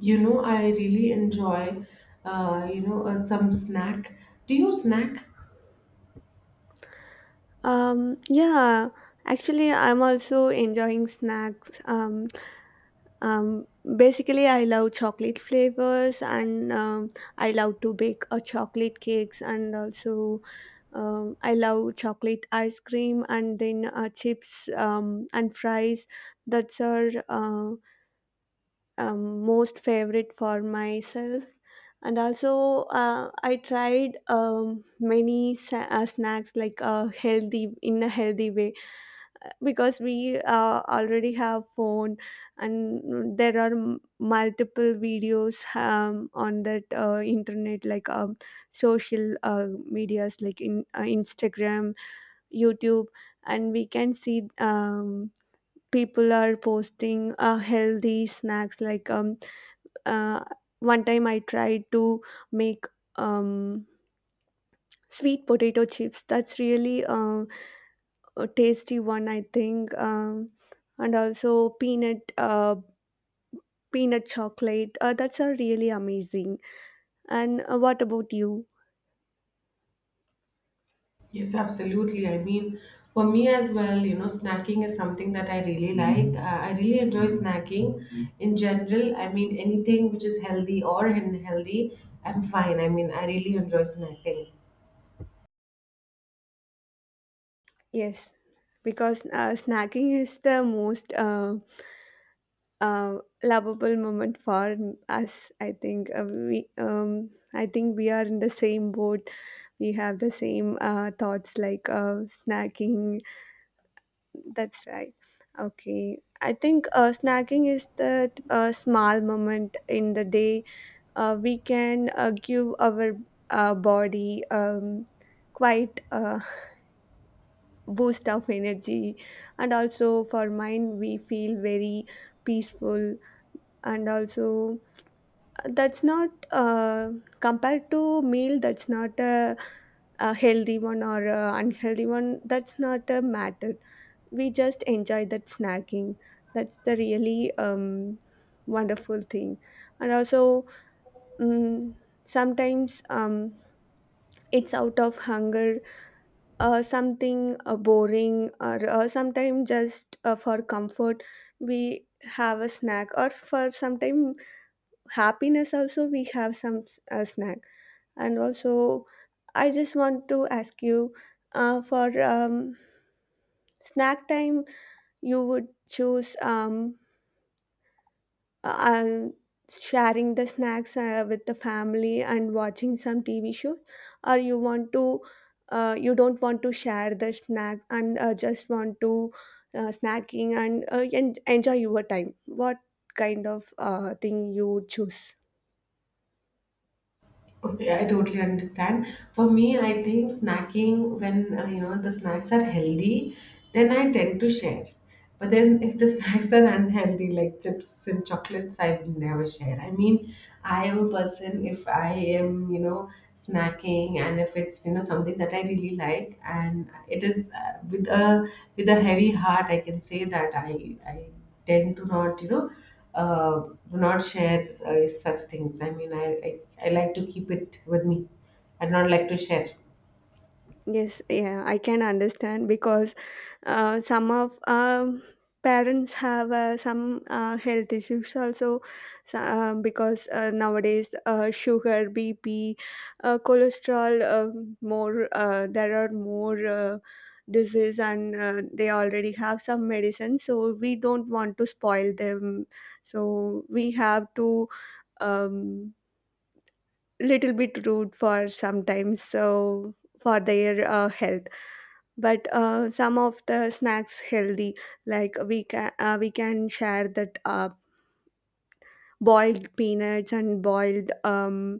You know, I really enjoy, some snack. Do you snack? Um, yeah, actually, I'm also enjoying snacks. Um, basically, I love chocolate flavors and I love to bake chocolate cakes and also I love chocolate ice cream and then chips and fries. That's our most favorite for myself. And also, I tried many snacks like healthy in a healthy way because we already have phone and there are multiple videos on that internet like social medias like in instagram youtube and we can see people are posting healthy snacks like uh, one time I tried to make um, sweet potato chips that's really a tasty one I think and also peanut peanut chocolate that's are really amazing and what about you Yes, absolutely. For me as well, you know, snacking is something that I really like. I really enjoy snacking in general. Anything which is healthy or unhealthy, I'm fine. I really enjoy snacking. yes because snacking is the most uh, lovable moment for us I think we I think we are in the same boat we have the same thoughts like snacking that's right okay I think snacking is that small moment in the day we can give our body quite a boost of energy and also for mind we feel very peaceful and also that's not compared to meal that's not a, a healthy one or a unhealthy one that's not a matter we just enjoy that snacking that's the really wonderful thing and also mm sometimes it's out of hunger something boring or sometimes just for comfort we have a snack or for sometime happiness also we have a snack and also I just want to ask you for snack time you would choose and sharing the snacks with the family and watching some tv shows, or you want to you don't want to share the snack and just want to snacking and enjoy your time what kind of thing you choose. Okay, I totally understand. For me, I think snacking when you know the snacks are healthy, then I tend to share. But then if the snacks are unhealthy, like chips and chocolates, I will never share. I am a person, if I am, you know, snacking, and if it's, you know, something that I really like, and it is, uh, with a heavy heart, I can say that I tend to not, you know, uh, do not share such things. I mean, I like to keep it with me. I do not like to share. Yes, yeah, I can understand because some of parents have some health issues also, so, because nowadays sugar, BP, cholesterol, more there are more disease and they already have some medicine, so we don't want to spoil them. So we have to um, little bit rude for sometimes so for their health but some of the snacks healthy like we can we can share that boiled peanuts and boiled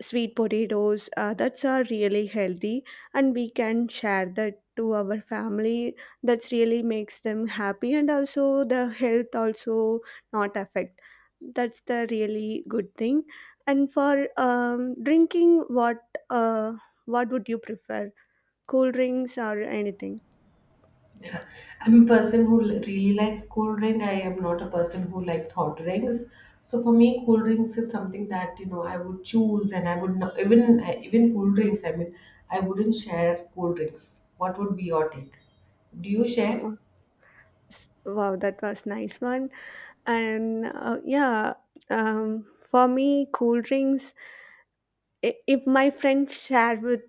sweet potatoes that's are really healthy and we can share that to our family that's really makes them happy and also the health also not affect. That's the really good thing. And for drinking, uh, what would you prefer, cool drinks or anything? Yeah. I'm a person who really likes cold drink. I am not a person who likes hot drinks. So for me, cold drinks is something that, you know, I would choose, and I would not even even cold drinks. I wouldn't share cold drinks. What would be your take? Do you share? Wow, that was nice one. And yeah, for me, cool drinks. If my friends share with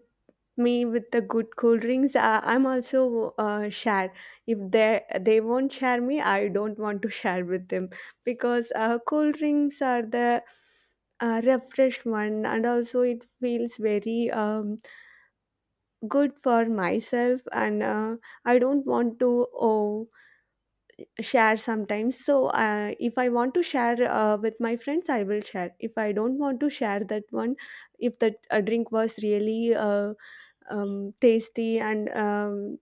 me with the good cool drinks, I'm also share. If they won't share me, I don't want to share with them because cool drinks are the refreshed one, and also it feels very good for myself, and I don't want to. Oh, share sometimes so if I want to share with my friends I will share if I don't want to share that one if that drink was really tasty and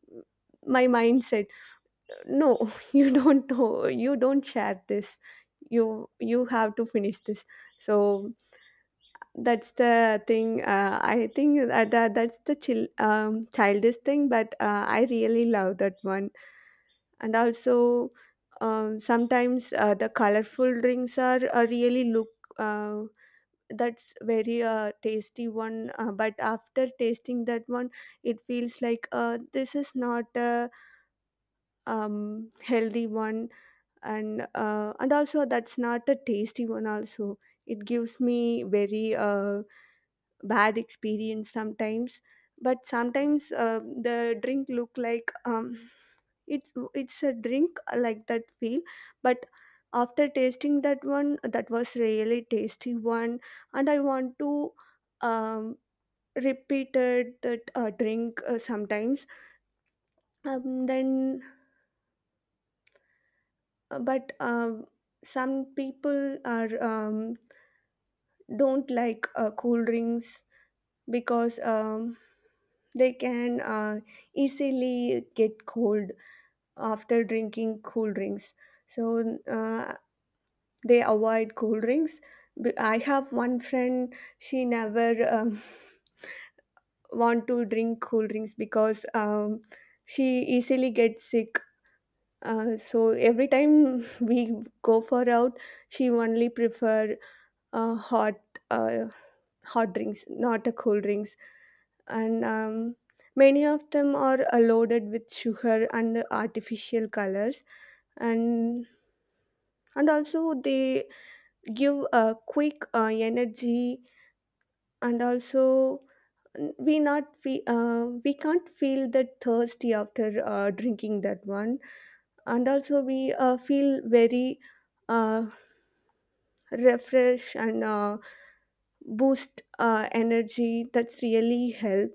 my mind said no you don't know you don't share this you have to finish this so that's the thing I think that that's the chill childish thing but I really love that one and also sometimes the colorful drinks are really look uh, that's very tasty one but after tasting that one it feels like this is not a healthy one and also that's not a tasty one also it gives me very bad experience sometimes but sometimes the drink look like it's a drink like that feel but after tasting that one that was really tasty one and I want to um, repeated that drink sometimes then but some people are don't like cool drinks because they can easily get cold after drinking cool drinks. So they avoid cool drinks. But I have one friend, she never want to drink cool drinks because she easily gets sick. So every time we go for out, she only prefer uh, hot uh, hot drinks, not a cool drinks. And many of them are loaded with sugar and artificial colors. And and also they give a quick energy. And also we not we we can't feel that thirsty after drinking that one. And also we feel very uh, refresh and boost energy. That's really help.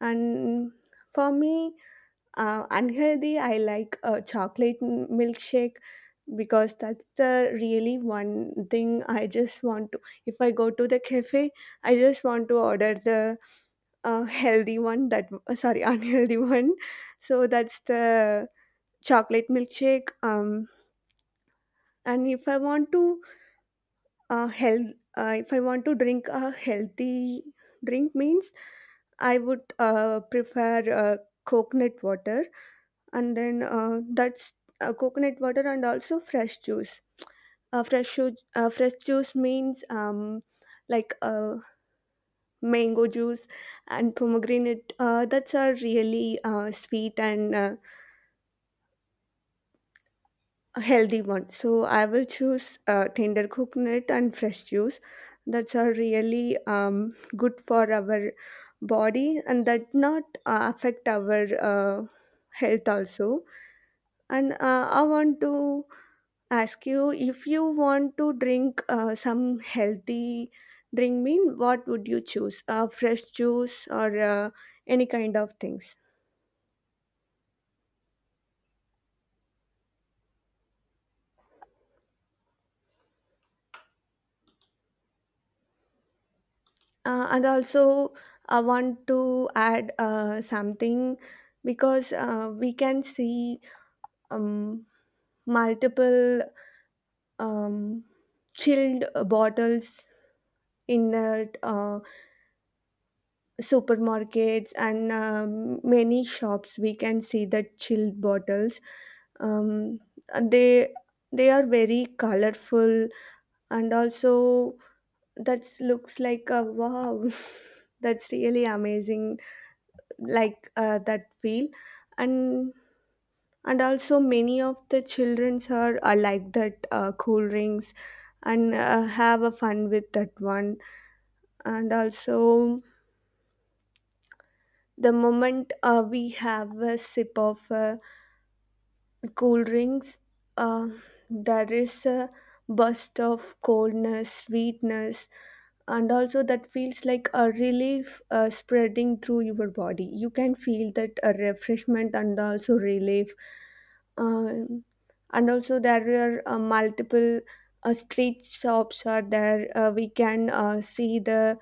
And for me, unhealthy, I like a chocolate milkshake because that's the really one thing I just want to. If I go to the cafe, I just want to order the healthy one that sorry unhealthy one. So that's the chocolate milkshake. And if I want to health, if I want to drink a healthy drink means I would prefer coconut water and then that's coconut water and also fresh juice. Fresh juice, fresh juice means like mango juice and pomegranate. That's a really sweet and a healthy one. So I will choose tender coconut and fresh juice. That's a really good for our body and that not affect our health also. And I want to ask you if you want to drink some healthy drink mean what would you choose, fresh juice or any kind of things? And also I want to add something because we can see um, multiple um, chilled bottles in that supermarkets and many shops we can see the chilled bottles um, they they are very colorful and also that looks like a wow that's really amazing like that feel and and also many of the childrens are like that cool rings and have a fun with that one and also the moment we have a sip of cool drinks, uh, there is a burst of coldness, sweetness, and also that feels like a relief spreading through your body. You can feel that refreshment and also relief. Um and also, there are multiple street shops are there. We can see the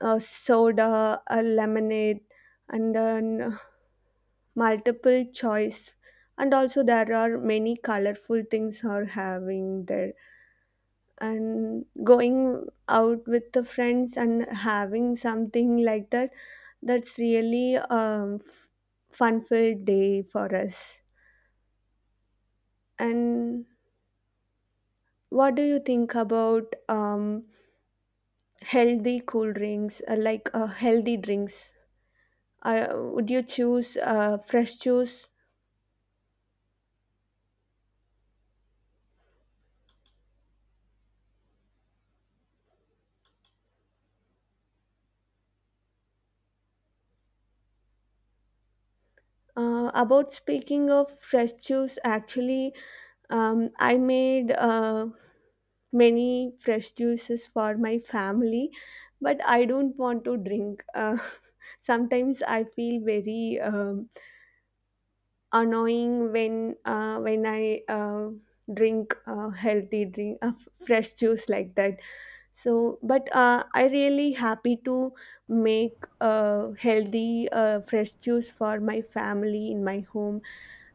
soda, lemonade, and then multiple choice and also there are many colorful things are having there and going out with the friends and having something like that that's really fun filled day for us and what do you think about healthy cool drinks healthy drinks would you choose fresh juice about speaking of fresh juice actually. I made many fresh juices for my family, but I don't want to drink. Sometimes I feel very annoying when I drink healthy drink fresh juice like that. So, but I really happy to make healthy fresh juice for my family in my home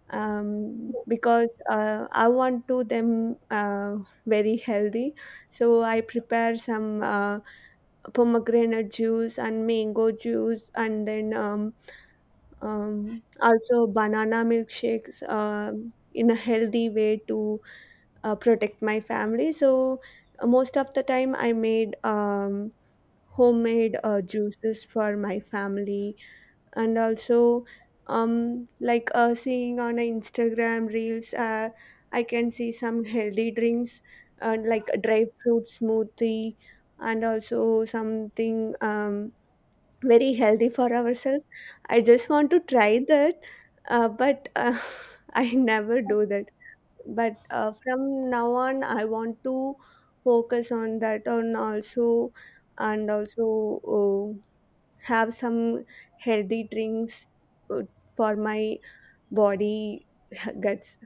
because I want to them very healthy. So I prepare some pomegranate juice and mango juice, and then also banana milkshakes in a healthy way to protect my family. So most of the time, I made homemade juices for my family and also like seeing on instagram reels I can see some healthy drinks like a dry fruit smoothie and also something very healthy for ourselves I just want to try that but I never do that but from now on I want to focus on that on also and also oh, have some healthy drinks uh, for my body guts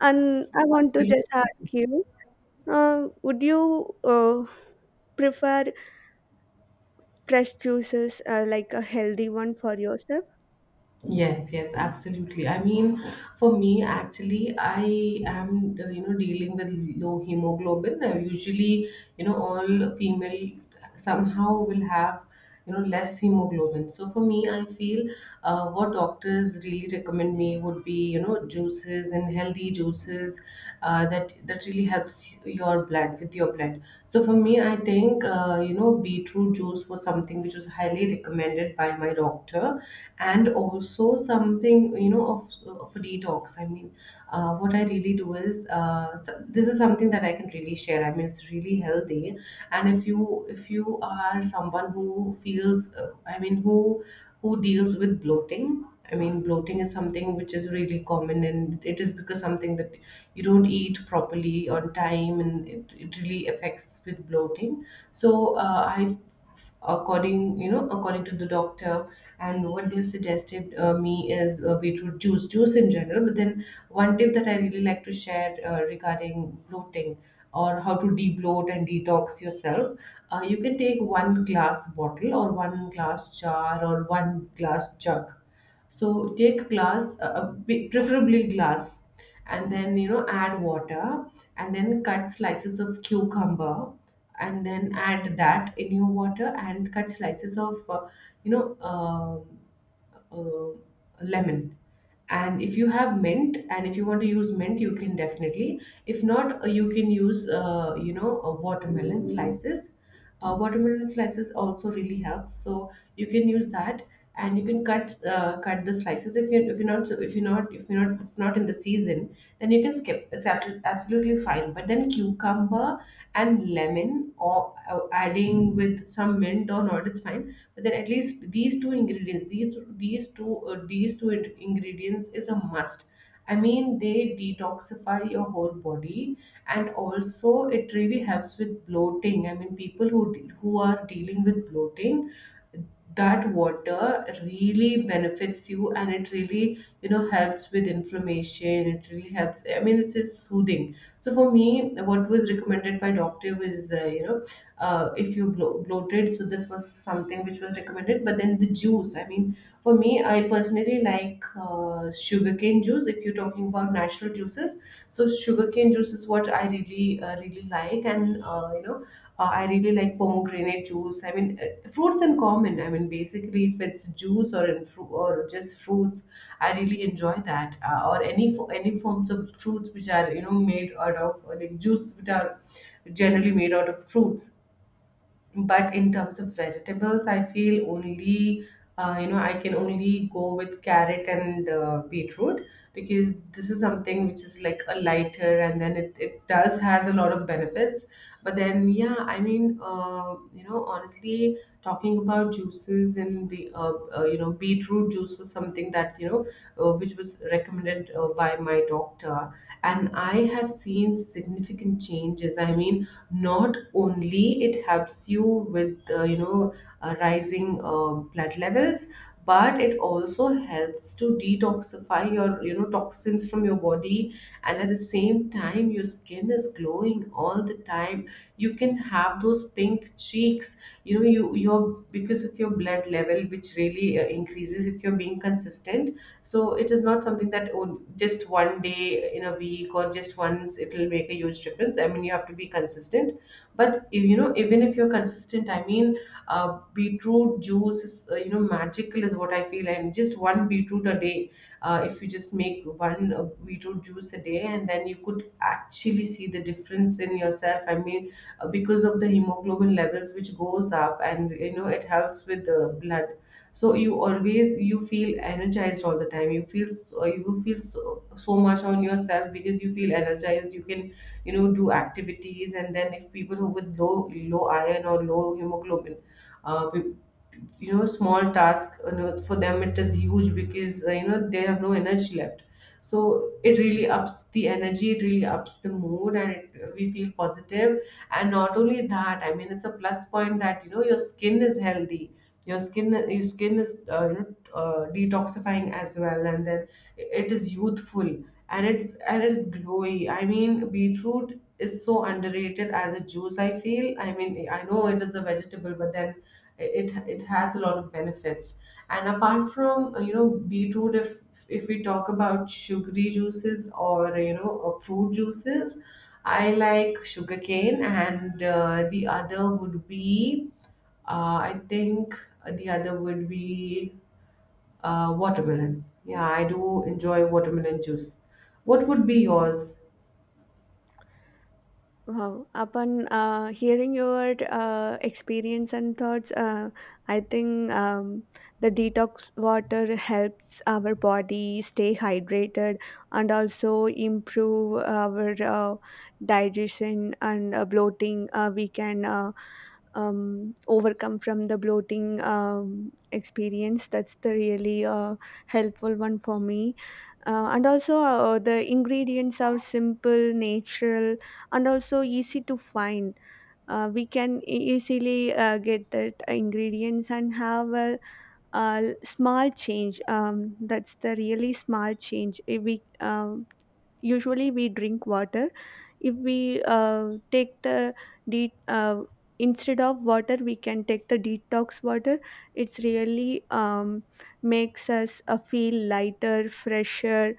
and I want to Absolutely. just ask you would you prefer fresh juices like a healthy one for yourself. Yes, absolutely. For me, actually, I am, you know, dealing with low hemoglobin. Usually, you know, all female somehow will have, you know, less hemoglobin. So for me, I feel what doctors really recommend me would be, you know, juices and healthy juices that really helps your blood, with your blood. So for me, I think, you know, beetroot juice was something which was highly recommended by my doctor, and also something, you know, of a detox. What I really do is, this is something that I can really share. It's really healthy. And if you are someone who feels, who deals with bloating. Bloating is something which is really common, and it is because something that you don't eat properly on time, and it really affects with bloating. So I According, you know, according to the doctor and what they've suggested me is beetroot juice, juice in general. But then one tip that I really like to share regarding bloating, or how to debloat and detox yourself: you can take one glass bottle, or one glass jar, or one glass jug. So take glass, preferably glass, and then, you know, add water, and then cut slices of cucumber, and then add that in your water, and cut slices of, you know uh, uh, lemon. And if you have mint, and if you want to use mint, you can, definitely. If not, you can use, watermelon slices. Watermelon slices also really helps. So you can use that, and you can cut, cut the slices. If you if you're not if you're not if you're not it's not in the season, then you can skip. It's absolutely fine. But then cucumber and lemon, or adding with some mint or not, it's fine. But then at least these two ingredients, these two ingredients is a must. They detoxify your whole body, and also it really helps with bloating. People who who are dealing with bloating, that water really benefits you, and it really, you know, helps with inflammation. It really helps. It's just soothing. So for me, what was recommended by doctor was, if you bloated. So this was something which was recommended. But then the juice, for me, I personally like sugarcane juice. If you're talking about natural juices, so sugarcane juice is what I really, really like. And, you know, I really like pomegranate juice. Fruits in common. Basically, if it's juice, or in or just fruits, I really enjoy that. Or any forms of fruits which are, you know, made out of, like juice, which are generally made out of fruits. But in terms of vegetables, I feel only, I can only go with carrot and beetroot, because this is something which is like a lighter, and then it does has a lot of benefits. But then, yeah. Honestly, talking about juices, and the, beetroot juice was something that, you know, which was recommended by my doctor. And I have seen significant changes. Not only it helps you with, rising blood levels, but it also helps to detoxify your, you know, toxins from your body. And at the same time, your skin is glowing all the time. You can have those pink cheeks, you know. You your Because of your blood level, which really increases if you're being consistent. So it is not something that, oh, just one day in a week, or just once, it will make a huge difference. You have to be consistent. But, if, you know, even if you're consistent, I mean beetroot juice is, magical is what I feel. And just one beetroot a day. If you just make one beetroot juice a day, and then you could actually see the difference in yourself. Because of the hemoglobin levels, which goes up, and, you know, it helps with the blood. So you always, you feel energized all the time. You feel so, so much on yourself, because you feel energized. You can, you know, do activities. And then if people who with low iron or low hemoglobin, uh, pe- small task, you know, for them it is huge, because, you know, they have no energy left. So it really ups the energy, it really ups the mood, and we feel positive. And not only that, it's a plus point that, you know, your skin is healthy. Your skin is, detoxifying as well. And then it is youthful, and it's glowy. Beetroot is so underrated as a juice, I feel. I know it is a vegetable, but then it has a lot of benefits. And apart from, beetroot, if we talk about sugary juices, or, you know, fruit juices, I like sugarcane, and the other would be, I think the other would be, watermelon. Yeah, I do enjoy watermelon juice. What would be yours? Wow. Upon hearing your experience and thoughts, I think the detox water helps our body stay hydrated and also improve our digestion and bloating. We can overcome from the bloating experience. That's the really helpful one for me. And also, the ingredients are simple, natural and also easy to find. We can easily get that ingredients and have a small change. That's the really small change. If we usually we drink water. If we take the de- uh, instead of water, we can take the detox water. It's really makes us feel lighter, fresher,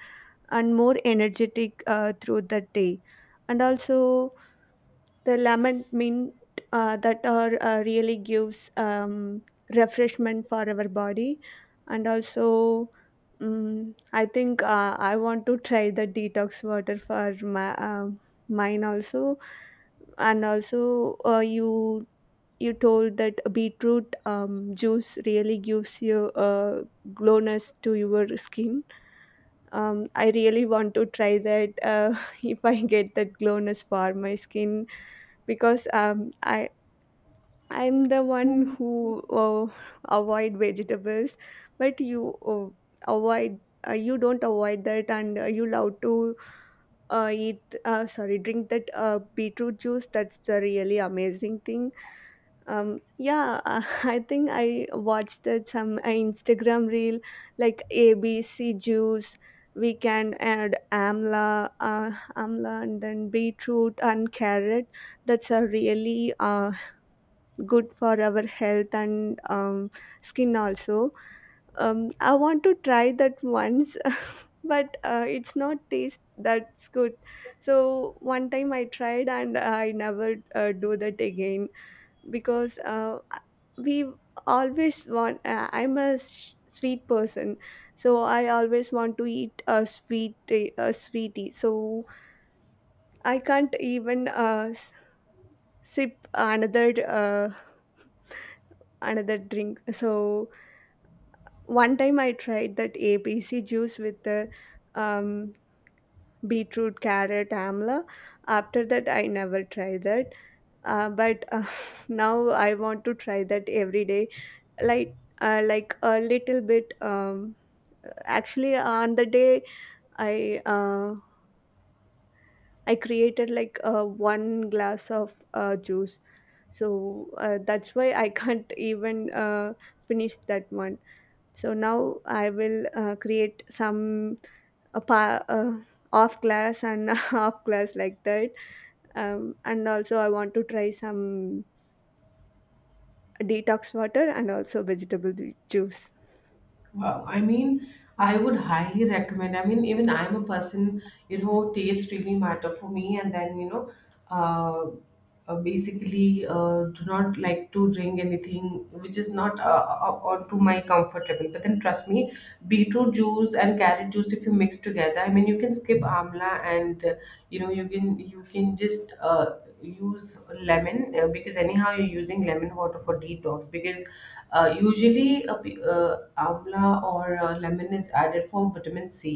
and more energetic through the day, and also the lemon mint that are really gives refreshment for our body. And also, mm I think I want to try the detox water for my mine also. And also, uh, you you told that beetroot juice really gives you glowness to your skin. Um, I really want to try that, if I get that glowness for my skin. Because I'm the one who avoid vegetables, but you don't avoid that, and you love to eat sorry, drink that beetroot juice. That's the really amazing thing. Um, yeah, I think I watched that some Instagram reel like ABC juice. We can add amla, and then beetroot and carrot. That's a really good for our health, and skin also. I want to try that once, but it's not taste that's good. So one time I tried, and I never do that again. Because we always want I'm a sweet person, so I always want to eat a sweet, a sweetie. So I can't even sip another, another drink. So one time I tried that ABC juice with the um, beetroot, carrot, amla. After that I never tried that. But Now I want to try that every day, like like a little bit. Um, actually, on the day i uh, I created like one glass of juice. So that's why I can't even finish that one. So now I will create some a pa- uh, off glass and half glass like that. And also I want to try some detox water and also vegetable juice. Wow. I would highly recommend. Even I'm a person, you know, taste really matter for me. And then, you know, uh, basically, do not like to drink anything which is not, or to my comfort level. But then trust me, beetroot juice and carrot juice, if you mix together, you can skip amla and, you can, you can just use lemon, because anyhow you're using lemon water for detox. Because usually, amla or lemon is added for vitamin C.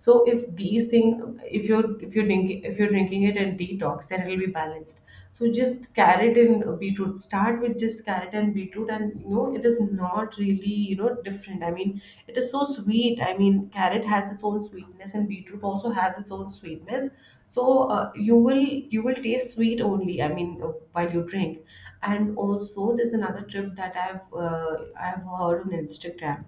So if these things, if you're drinking it and detox, then it'll be balanced. So just carrot and beetroot. Start with just carrot and beetroot. And, you know, it is not really, you know, different. It is so sweet. Carrot has its own sweetness, and beetroot also has its own sweetness. So you will you will taste sweet only. While you drink. And also there's another tip that I've heard on Instagram.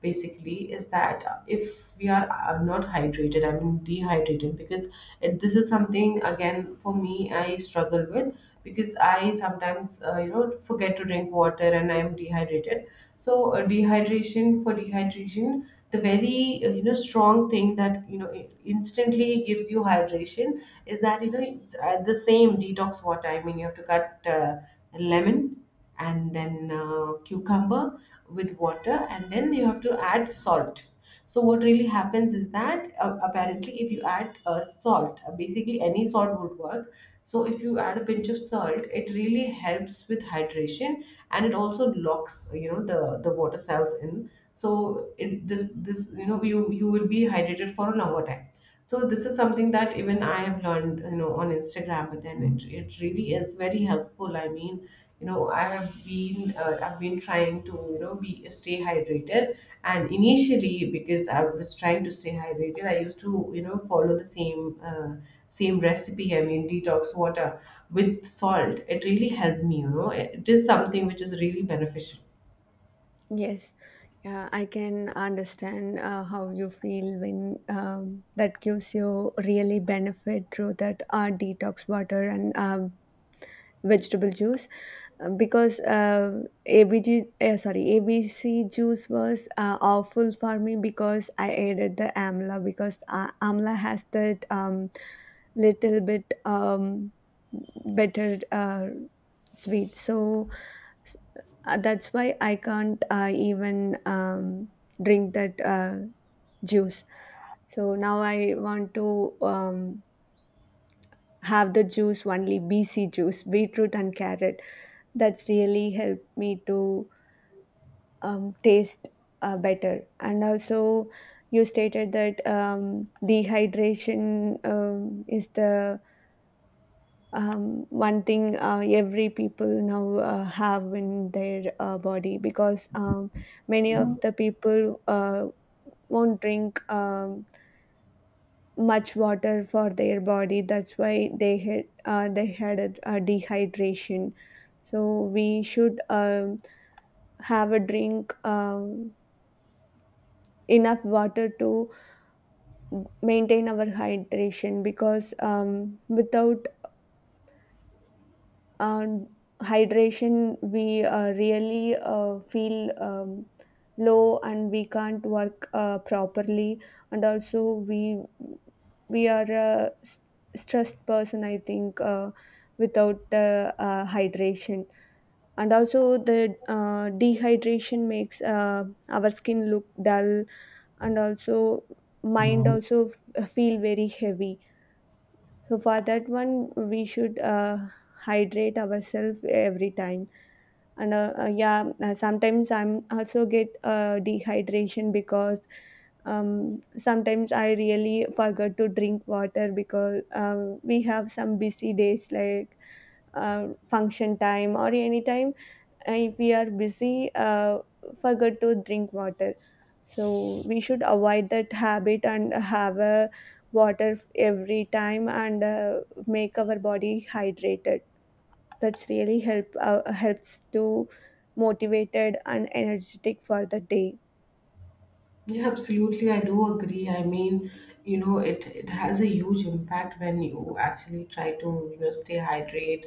Basically is that, if we are, not hydrated, dehydrated. Because this is something again for me I struggle with, because I sometimes, you know, forget to drink water, and I am dehydrated. So, dehydration for dehydration, the very, strong thing that, you know, instantly gives you hydration, is that, you know, the same detox water. You have to cut, lemon, and then, cucumber, with water, and then you have to add salt. So what really happens is that, apparently if you add, salt, basically any salt would work. So if you add a pinch of salt, it really helps with hydration. And it also locks, you know, the water cells in. So it, this you know, you will be hydrated for a longer time. So this is something that even I have learned, you know, on Instagram. But then it really is very helpful. I have been I've been trying to you know be stay hydrated. And initially, because I was trying to stay hydrated, I used to follow the same recipe. I mean, detox water with salt. It really helped me. You know, it is something which is really beneficial. Yes. Yeah, I can understand how you feel when that gives you really benefit through that detox water and vegetable juice. Because ABG, sorry, ABC juice was awful for me because I added the amla. Because amla has that little bit, better sweet, so S- that's why I can't even drink that juice. So now I want to have the juice only BC juice, beetroot and carrot. That's really helped me to taste better. And also, you stated that dehydration is the one thing every people now have in their body. Because many of the people won't drink much water for their body, that's why they had a dehydration. So we should have a drink, enough water to maintain our hydration. Because without and hydration we really feel low, and we can't work properly. And also we we are a stressed person, I think, without hydration. And also the dehydration makes our skin look dull, and also mind also feel very heavy. So for that one we should hydrate ourselves every time. And yeah, sometimes I'm also get dehydration. Because um, sometimes I really forget to drink water. Because we have some busy days, like function time or any time. If we are busy, forget to drink water. So we should avoid that habit and have a water every time, and make our body hydrated. That's really helps to motivated and energetic for the day. Yeah, absolutely. I do agree. It has a huge impact when you actually try to, you know, stay hydrate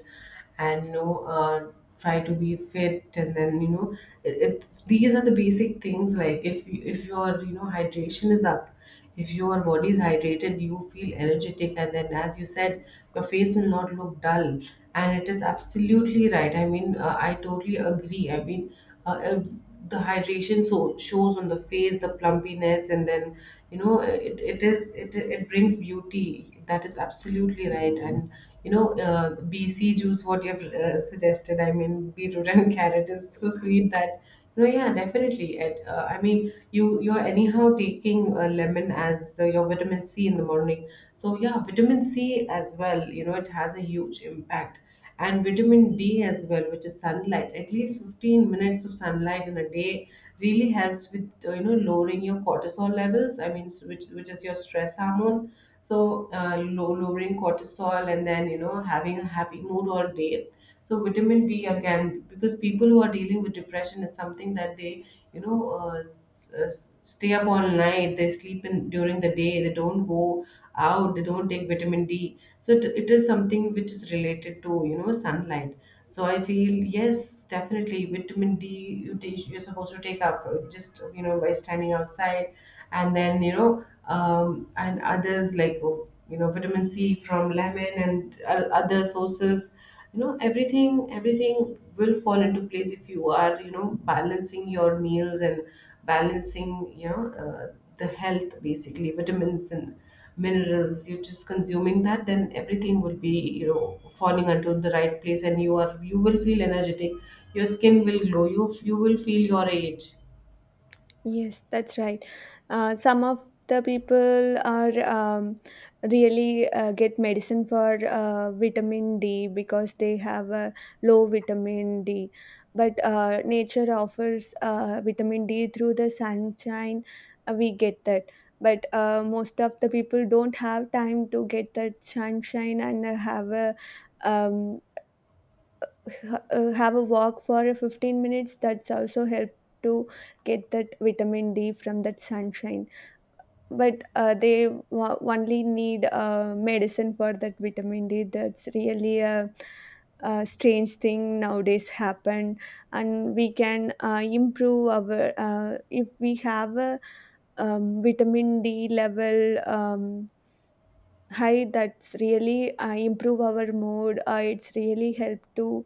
and, try to be fit. And then, you know, it, these are the basic things. Like if you, if your, you know, hydration is up, if your body is hydrated, you feel energetic. And then, as you said, your face will not look dull. And it is absolutely right. I totally agree. Uh, uh, the hydration so shows on the face the plumpiness and then you know it brings beauty. That is absolutely right. And you know, bc juice what you've suggested, I mean beetroot and carrot is so sweet that, you know, yeah, definitely I mean you're anyhow taking a lemon as your vitamin c in the morning. So yeah, vitamin c as well, you know, it has a huge impact. And vitamin D as well, which is sunlight. At least 15 minutes of sunlight in a day really helps with lowering your cortisol levels. I mean, which is your stress hormone. So lowering cortisol and then, you know, having a happy mood all day. So vitamin D again, because people who are dealing with depression is something that they stay up all night. They sleep in during the day. They don't go out, they don't take vitamin d. So it is something which is related to, you know, sunlight. So I feel, yes, definitely vitamin d you're supposed to take up, just, you know, by standing outside. And then, and others, like, oh, you know, vitamin c from lemon and other sources. You know, everything will fall into place if you are, you know, balancing your meals and balancing, the health, basically vitamins and minerals you're just consuming. That then everything will be, you know, falling into the right place and you will feel energetic. Your skin will glow. You will feel your age. Yes, that's right. Some of the people are really get medicine for vitamin D, because they have a low vitamin D. But nature offers vitamin D through the sunshine. We get that. But most of the people don't have time to get that sunshine and have a, um, have a walk for a 15 minutes. That's also help to get that vitamin D from that sunshine. But only need medicine for that vitamin D. That's really a strange thing nowadays happen. And we can improve our, if we have a vitamin D level um, high, that's really improve our mood. It's really help to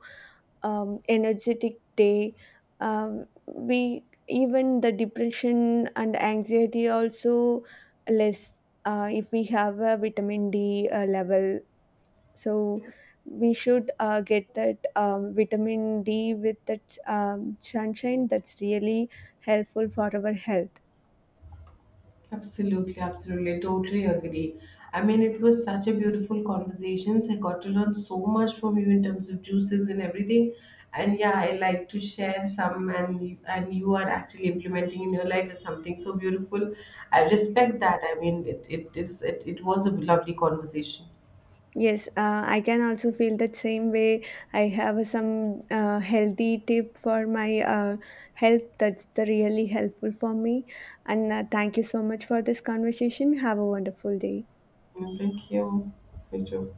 energetic day. We even the depression and anxiety also less, if we have a vitamin D level. So we should get that vitamin D with that sunshine. That's really helpful for our health. Absolutely, absolutely. Totally agree. I mean, it was such a beautiful conversation. I got to learn so much from you in terms of juices and everything. And yeah, I like to share some, and and you are actually implementing in your life is something so beautiful. I respect that. I mean, it was a lovely conversation. Yes, I can also feel that same way. I have some healthy tip for my health. That's the really helpful for me. And thank you so much for this conversation. Have a wonderful day. Thank you. Thank too.